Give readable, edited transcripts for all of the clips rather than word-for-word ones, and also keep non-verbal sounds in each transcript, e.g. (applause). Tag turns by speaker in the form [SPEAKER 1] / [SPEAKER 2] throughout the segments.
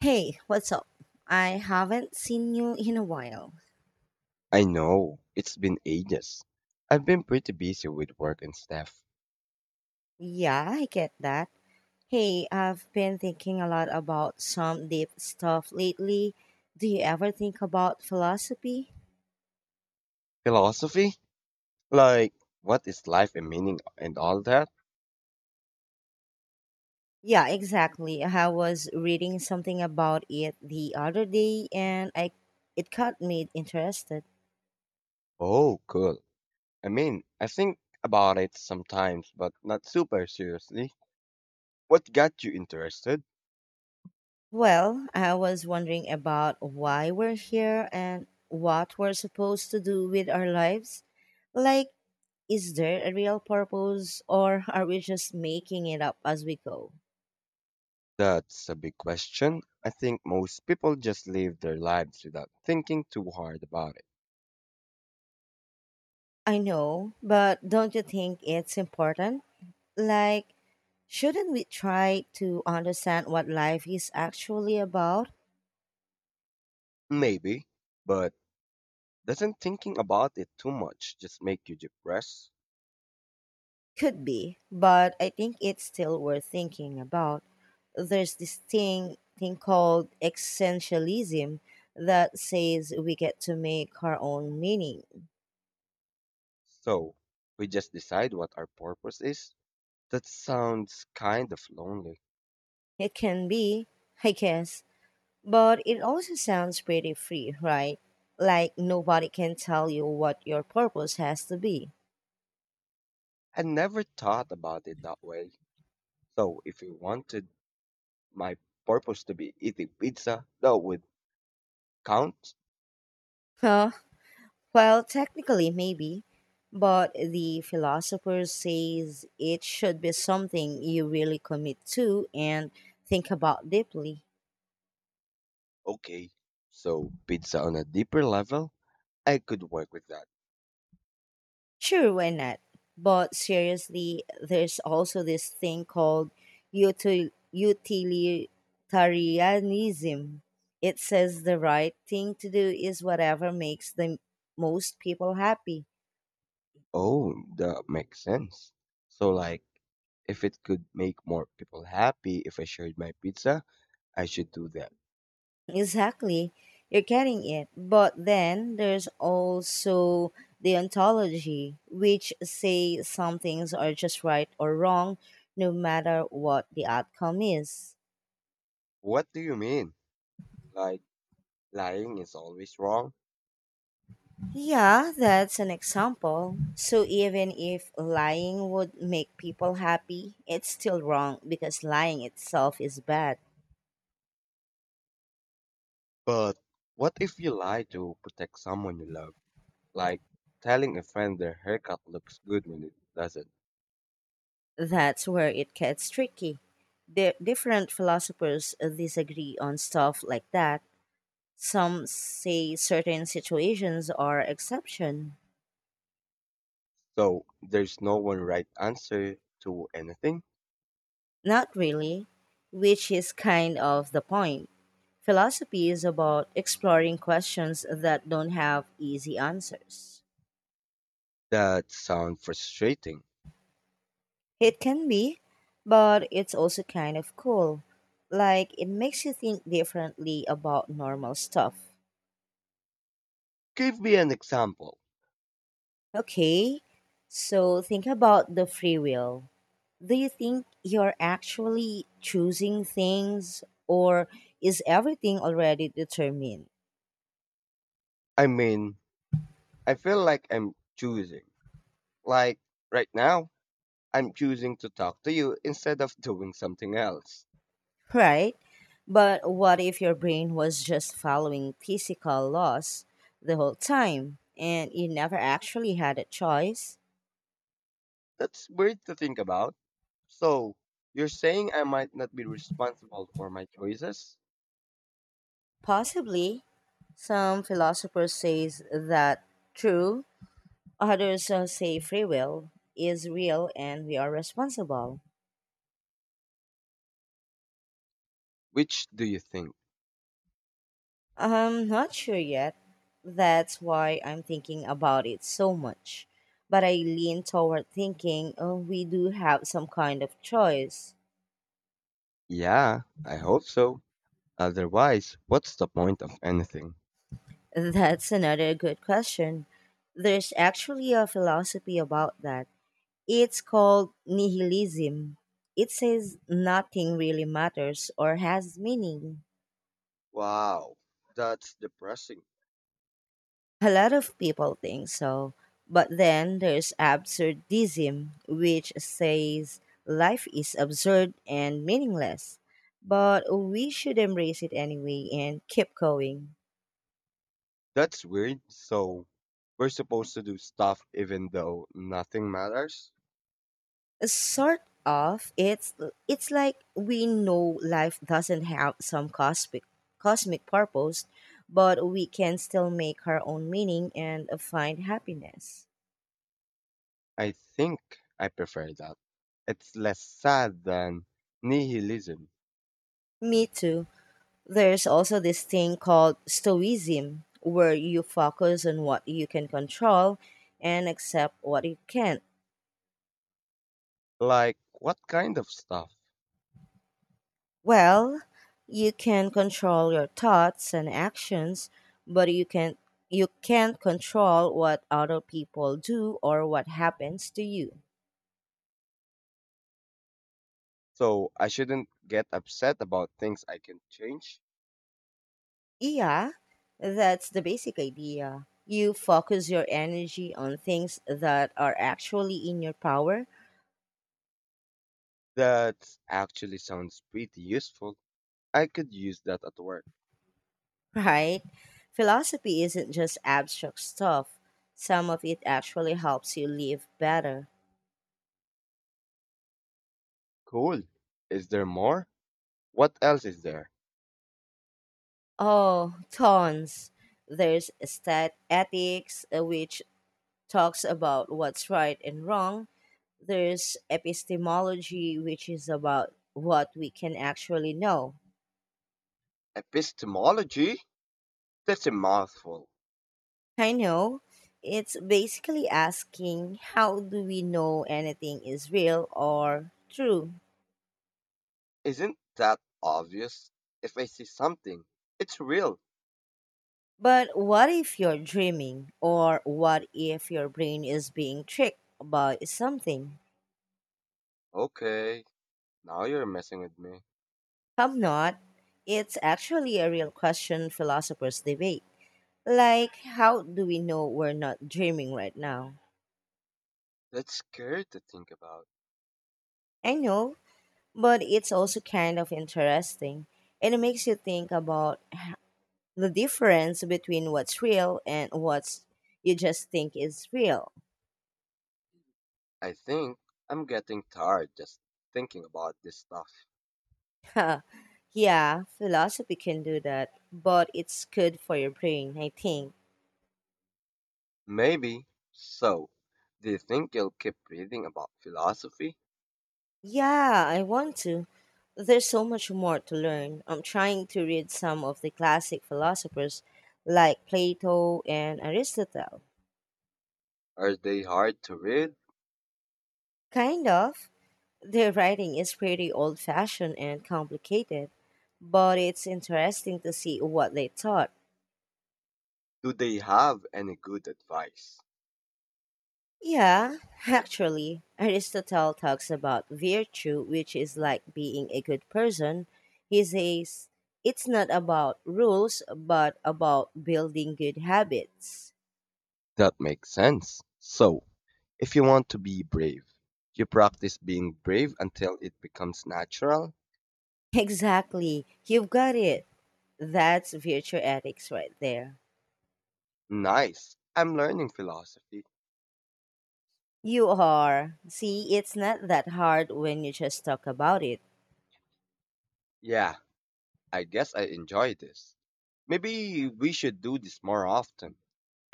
[SPEAKER 1] Hey, what's up? I haven't seen you in a while.
[SPEAKER 2] I know, it's been ages. I've been pretty busy with work and stuff.
[SPEAKER 1] Yeah, I get that. Hey, I've been thinking a lot about some deep stuff lately. Do you ever think about philosophy?
[SPEAKER 2] Philosophy? Like, what is life and meaning and all that?
[SPEAKER 1] Yeah, exactly. I was reading something about it the other day and I it got me interested.
[SPEAKER 2] Oh, cool. I think about it sometimes, but not super seriously. What got you interested?
[SPEAKER 1] Well, I was wondering about why we're here and what we're supposed to do with our lives. Like Is there a real purpose, or are we just making it up as we go?
[SPEAKER 2] That's a big question. I think most people just live their lives without thinking too hard about it.
[SPEAKER 1] I know, but don't you think it's important? Like, shouldn't we try to understand what life is actually about?
[SPEAKER 2] Maybe, but doesn't thinking about it too much just make you depressed?
[SPEAKER 1] Could be, but I think it's still worth thinking about. There's this thing called essentialism that says we get to make our own meaning.
[SPEAKER 2] So, we just decide what our purpose is? That sounds kind of lonely.
[SPEAKER 1] It can be, I guess, but it also sounds pretty free, right? Like nobody can tell you what your purpose has to be.
[SPEAKER 2] I never thought about it that way. So, if you wanted my purpose to be eating pizza, that would count?
[SPEAKER 1] Huh? Well, technically, maybe. But the philosopher says it should be something you really commit to and think about deeply.
[SPEAKER 2] Okay. So, pizza on a deeper level? I could work with that.
[SPEAKER 1] Sure, why not? But seriously, there's also this thing called utilitarianism. It says the right thing to do is whatever makes the most people happy.
[SPEAKER 2] Oh, that makes sense. So, like, if it could make more people happy if I shared my pizza, I should do that.
[SPEAKER 1] Exactly, you're getting it. But then there's also the ontology, which say some things are just right or wrong, no matter what the outcome is.
[SPEAKER 2] What do you mean? Like, lying is always wrong?
[SPEAKER 1] Yeah, that's an example. So even if lying would make people happy, it's still wrong because lying itself is bad.
[SPEAKER 2] But what if you lie to protect someone you love? Like, telling a friend their haircut looks good when it doesn't.
[SPEAKER 1] That's where it gets tricky. Different philosophers disagree on stuff like that. Some say certain situations are exception.
[SPEAKER 2] So, there's no one right answer to anything?
[SPEAKER 1] Not really, which is kind of the point. Philosophy is about exploring questions that don't have easy answers.
[SPEAKER 2] That sounds frustrating.
[SPEAKER 1] It can be, but it's also kind of cool. Like, it makes you think differently about normal stuff.
[SPEAKER 2] Give me an example.
[SPEAKER 1] Okay, so think about the free will. Do you think you're actually choosing things, or is everything already determined?
[SPEAKER 2] I mean, I feel like I'm choosing. Like, right now, I'm choosing to talk to you instead of doing something else.
[SPEAKER 1] Right? But what if your brain was just following physical laws the whole time and you never actually had a choice?
[SPEAKER 2] That's weird to think about. So, you're saying I might not be responsible for my choices?
[SPEAKER 1] Possibly. Some philosophers say that true, others say free will is real and we are responsible.
[SPEAKER 2] Which do you think?
[SPEAKER 1] I'm not sure yet. That's why I'm thinking about it so much. But I lean toward thinking oh, we do have some kind of choice.
[SPEAKER 2] Yeah, I hope so. Otherwise, what's the point of anything?
[SPEAKER 1] (laughs) That's another good question. There's actually a philosophy about that. It's called nihilism. It says nothing really matters or has meaning.
[SPEAKER 2] Wow, that's depressing.
[SPEAKER 1] A lot of people think so. But then there's absurdism, which says life is absurd and meaningless. But we should embrace it anyway and keep going.
[SPEAKER 2] That's weird. So, we're supposed to do stuff even though nothing matters?
[SPEAKER 1] Sort of, it's like we know life doesn't have some cosmic purpose, but we can still make our own meaning and find happiness.
[SPEAKER 2] I think I prefer that. It's less sad than nihilism.
[SPEAKER 1] Me too. There's also this thing called stoicism, where you focus on what you can control and accept what you can't.
[SPEAKER 2] Like, what kind of stuff?
[SPEAKER 1] Well, you can control your thoughts and actions, but you can't control what other people do or what happens to you.
[SPEAKER 2] So, I shouldn't get upset about things I can change?
[SPEAKER 1] Yeah, that's the basic idea. You focus your energy on things that are actually in your power,
[SPEAKER 2] That actually sounds pretty useful. I could use that at work.
[SPEAKER 1] right? Philosophy isn't just abstract stuff. Some of it actually helps you live better.
[SPEAKER 2] Cool. Is there more? What else is there?
[SPEAKER 1] Oh, tons. There's stat ethics, which talks about what's right and wrong. There's epistemology, which is about what we can actually know.
[SPEAKER 2] Epistemology? That's a mouthful.
[SPEAKER 1] I know. It's basically asking how do we know anything is real or true?
[SPEAKER 2] Isn't that obvious? If I see something, it's real.
[SPEAKER 1] But what if you're dreaming? Or what if your brain is being tricked by something?
[SPEAKER 2] Okay, now you're messing with me.
[SPEAKER 1] I'm not. It's actually a real question philosophers debate. Like, how do we know we're not dreaming right now?
[SPEAKER 2] That's scary to think about.
[SPEAKER 1] I know, but it's also kind of interesting. And it makes you think about the difference between what's real and what you just think is real.
[SPEAKER 2] I think I'm getting tired just thinking about this stuff.
[SPEAKER 1] Huh. Yeah, philosophy can do that, but it's good for your brain, I think.
[SPEAKER 2] Maybe. So, do you think you'll keep reading about philosophy?
[SPEAKER 1] Yeah, I want to. There's so much more to learn. I'm trying to read some of the classic philosophers like Plato and Aristotle.
[SPEAKER 2] Are they hard to read?
[SPEAKER 1] Kind of. Their writing is pretty old fashioned and complicated, but it's interesting to see what they thought.
[SPEAKER 2] Do they have any good advice?
[SPEAKER 1] Yeah, actually, Aristotle talks about virtue, which is like being a good person. He says it's not about rules, but about building good habits. (laughs)
[SPEAKER 2] That makes sense. So, if you want to be brave, you practice being brave until it becomes natural?
[SPEAKER 1] Exactly, you've got it. That's virtue ethics right there.
[SPEAKER 2] Nice. I'm learning philosophy.
[SPEAKER 1] You are. See, it's not that hard when you just talk about it.
[SPEAKER 2] Yeah, I guess I enjoy this. Maybe we should do this more often.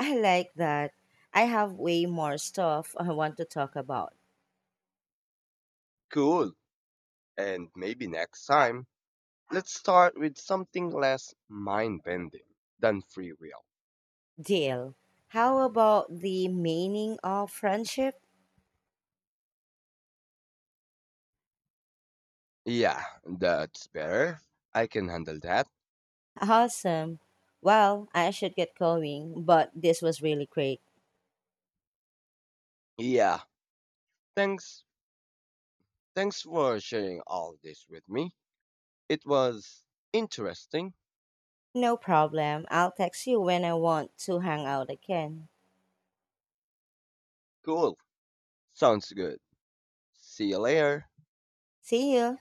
[SPEAKER 1] I like that. I have way more stuff I want to talk about.
[SPEAKER 2] Cool. And maybe next time, let's start with something less mind bending than free will.
[SPEAKER 1] Deal. How about the meaning of friendship?
[SPEAKER 2] Yeah, that's better. I can handle that.
[SPEAKER 1] Awesome. Well, I should get going, but this was really great.
[SPEAKER 2] Yeah, thanks. Thanks for sharing all this with me. It was interesting.
[SPEAKER 1] No problem. I'll text you when I want to hang out again.
[SPEAKER 2] Cool. Sounds good. See you later.
[SPEAKER 1] See you.